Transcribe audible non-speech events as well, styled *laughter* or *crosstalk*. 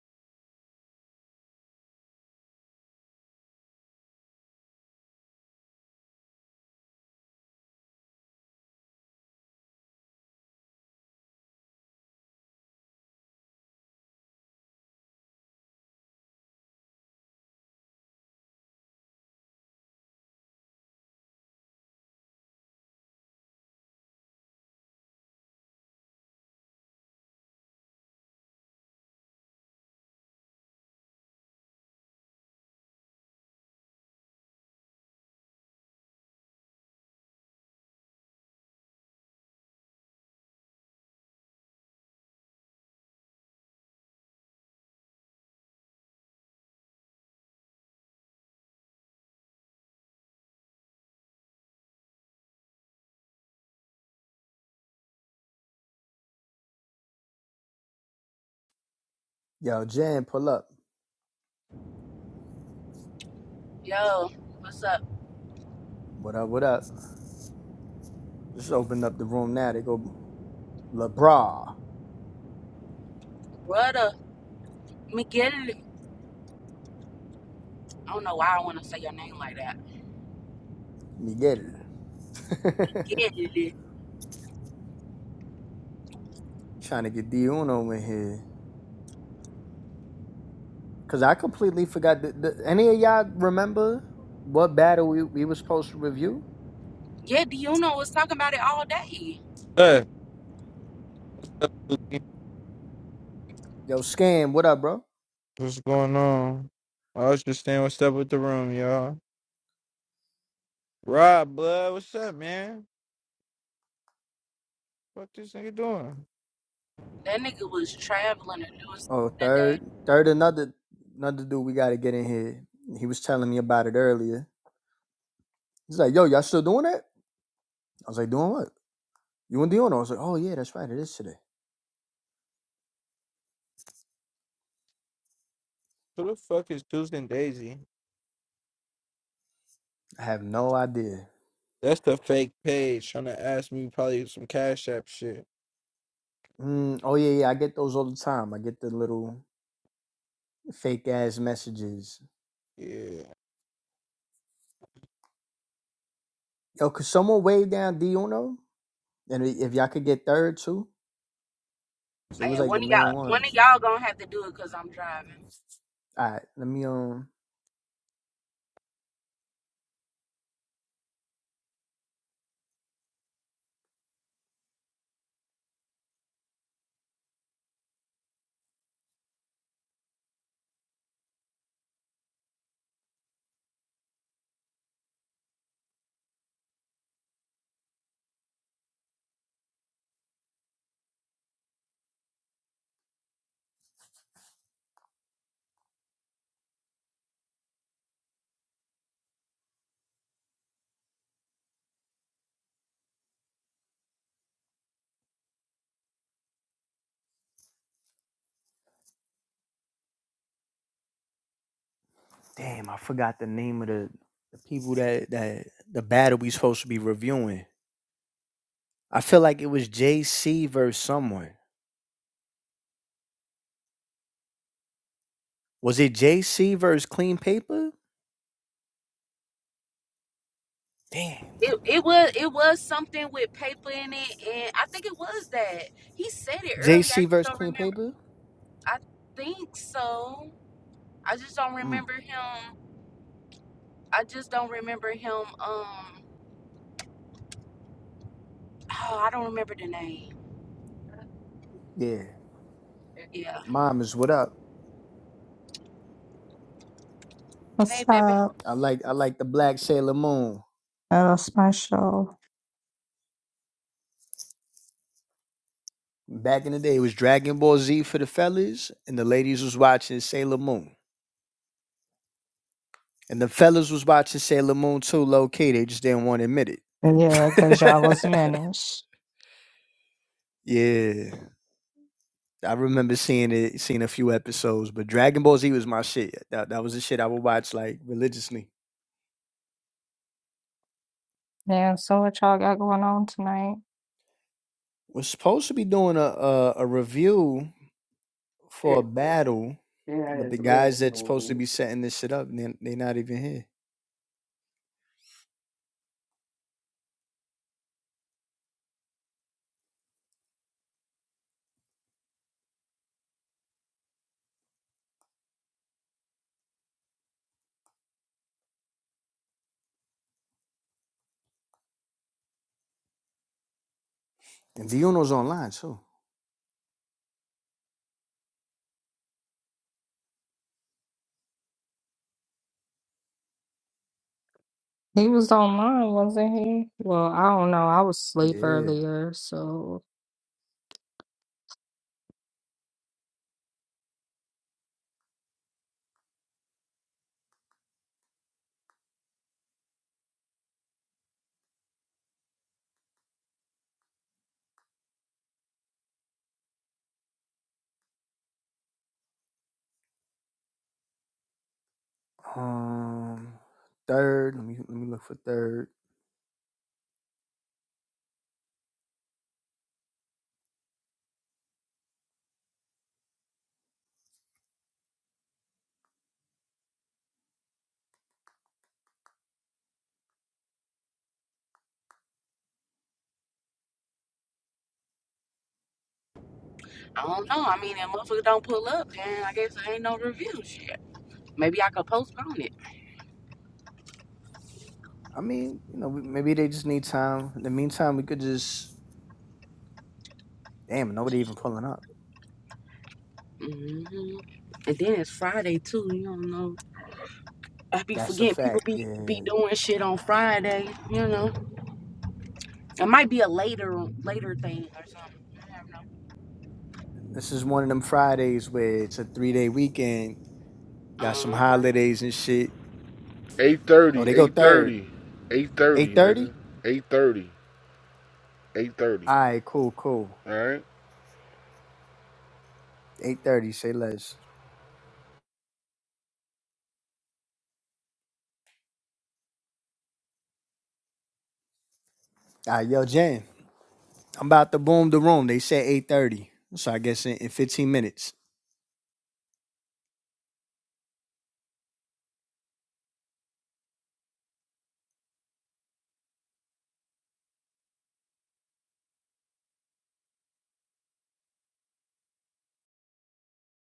Yo, Jan, pull up. Yo, what's up, What up, what up? Just open up the room now. They go LeBra, brother? Miguel. I don't know why I want to say your name like that. Miguel. *laughs* Yeah, Trying to get D Uno in here. Cause I completely forgot. The, the, any of y'all remember what battle we, we was supposed to review? yeah. Do you know was talking about it all day? Hey, Yo, Scam, what up, bro? what's going on? I was just saying what's up with the room, y'all. Rob, blood, what's up, man? What this nigga doing? That nigga was traveling and doing Oh, something that day. third, third, another another dude we gotta get in here. He was telling me about it earlier. He's like, "Yo, y'all still doing that?" I was like, "Doing what?" You and Dion? I was like, "Oh yeah, that's right. It is today." Who the fuck is Tuesday and Daisy? I have no idea. That's the fake page trying to ask me probably some cash app shit. Mm, oh yeah, yeah. I get those all the time. I get the little fake ass messages. Yeah. Yo, could someone wave down Diuno? And i- if y'all could get third too, so it was Man, like the one of main y'all, one of ones. y'all gonna have to do it cause I'm driving. All right, let me um. Damn, I forgot the name of the, the people that that the battle we supposed to be reviewing. I feel like it was JC versus someone. Was it JC versus Clean Paper? Damn, what It, it was it was something with paper in it, and I think it was that he said it the earlier. I JC just versus don't Clean remember. Paper? I think so. I just don't Mm, remember him. I just don't remember him. Um, oh, I don't remember the name. yeah, Yeah. mom is what up. What's Hey, baby. up? I like I like the Black Sailor Moon. That was my show. Back in the day, it was Dragon Ball Z for the fellas, and the ladies was watching Sailor Moon. And the fellas was watching Sailor Moon too, low key. They just didn't want to admit Yeah, because y'all was it. finished. *laughs* yeah. I remember seeing it, seeing a few episodes, but Dragon Ball Z was my shit. That, that was the shit I would watch like religiously. Yeah, so what y'all got going on tonight? Was supposed to be doing a, a, a review for a battle, but the guys that's supposed to be setting this shit up, they're, they they not even here. And Viono's online too. He was online, wasn't he? Well, I don't know. I was asleep Yeah. earlier, so. Um, third. Let me let me look for third. I don't know. I mean, if motherfucker don't pull up, then I guess there ain't no review shit. Maybe I could postpone it. I mean, you know, maybe they just need time. In the meantime, we could just damn nobody even pulling up. Mm hmm And then it's Friday too. You don't know. I be That's a forgetting people fact. be be Yeah, doing shit on Friday. You know, it might be a later later thing or something. this is one of them Fridays where it's a three day weekend. I Got some don't holidays and shit. know. Uh-huh. Oh, 8.30, they go third. 8.30, 8.30, Eight thirty. nigga. 8.30, 8.30, All right, cool, cool. all right? Eight thirty. Say less. All right, yo, Jen. I'm about to boom the room. They said eight thirty, so I guess in, in fifteen minutes.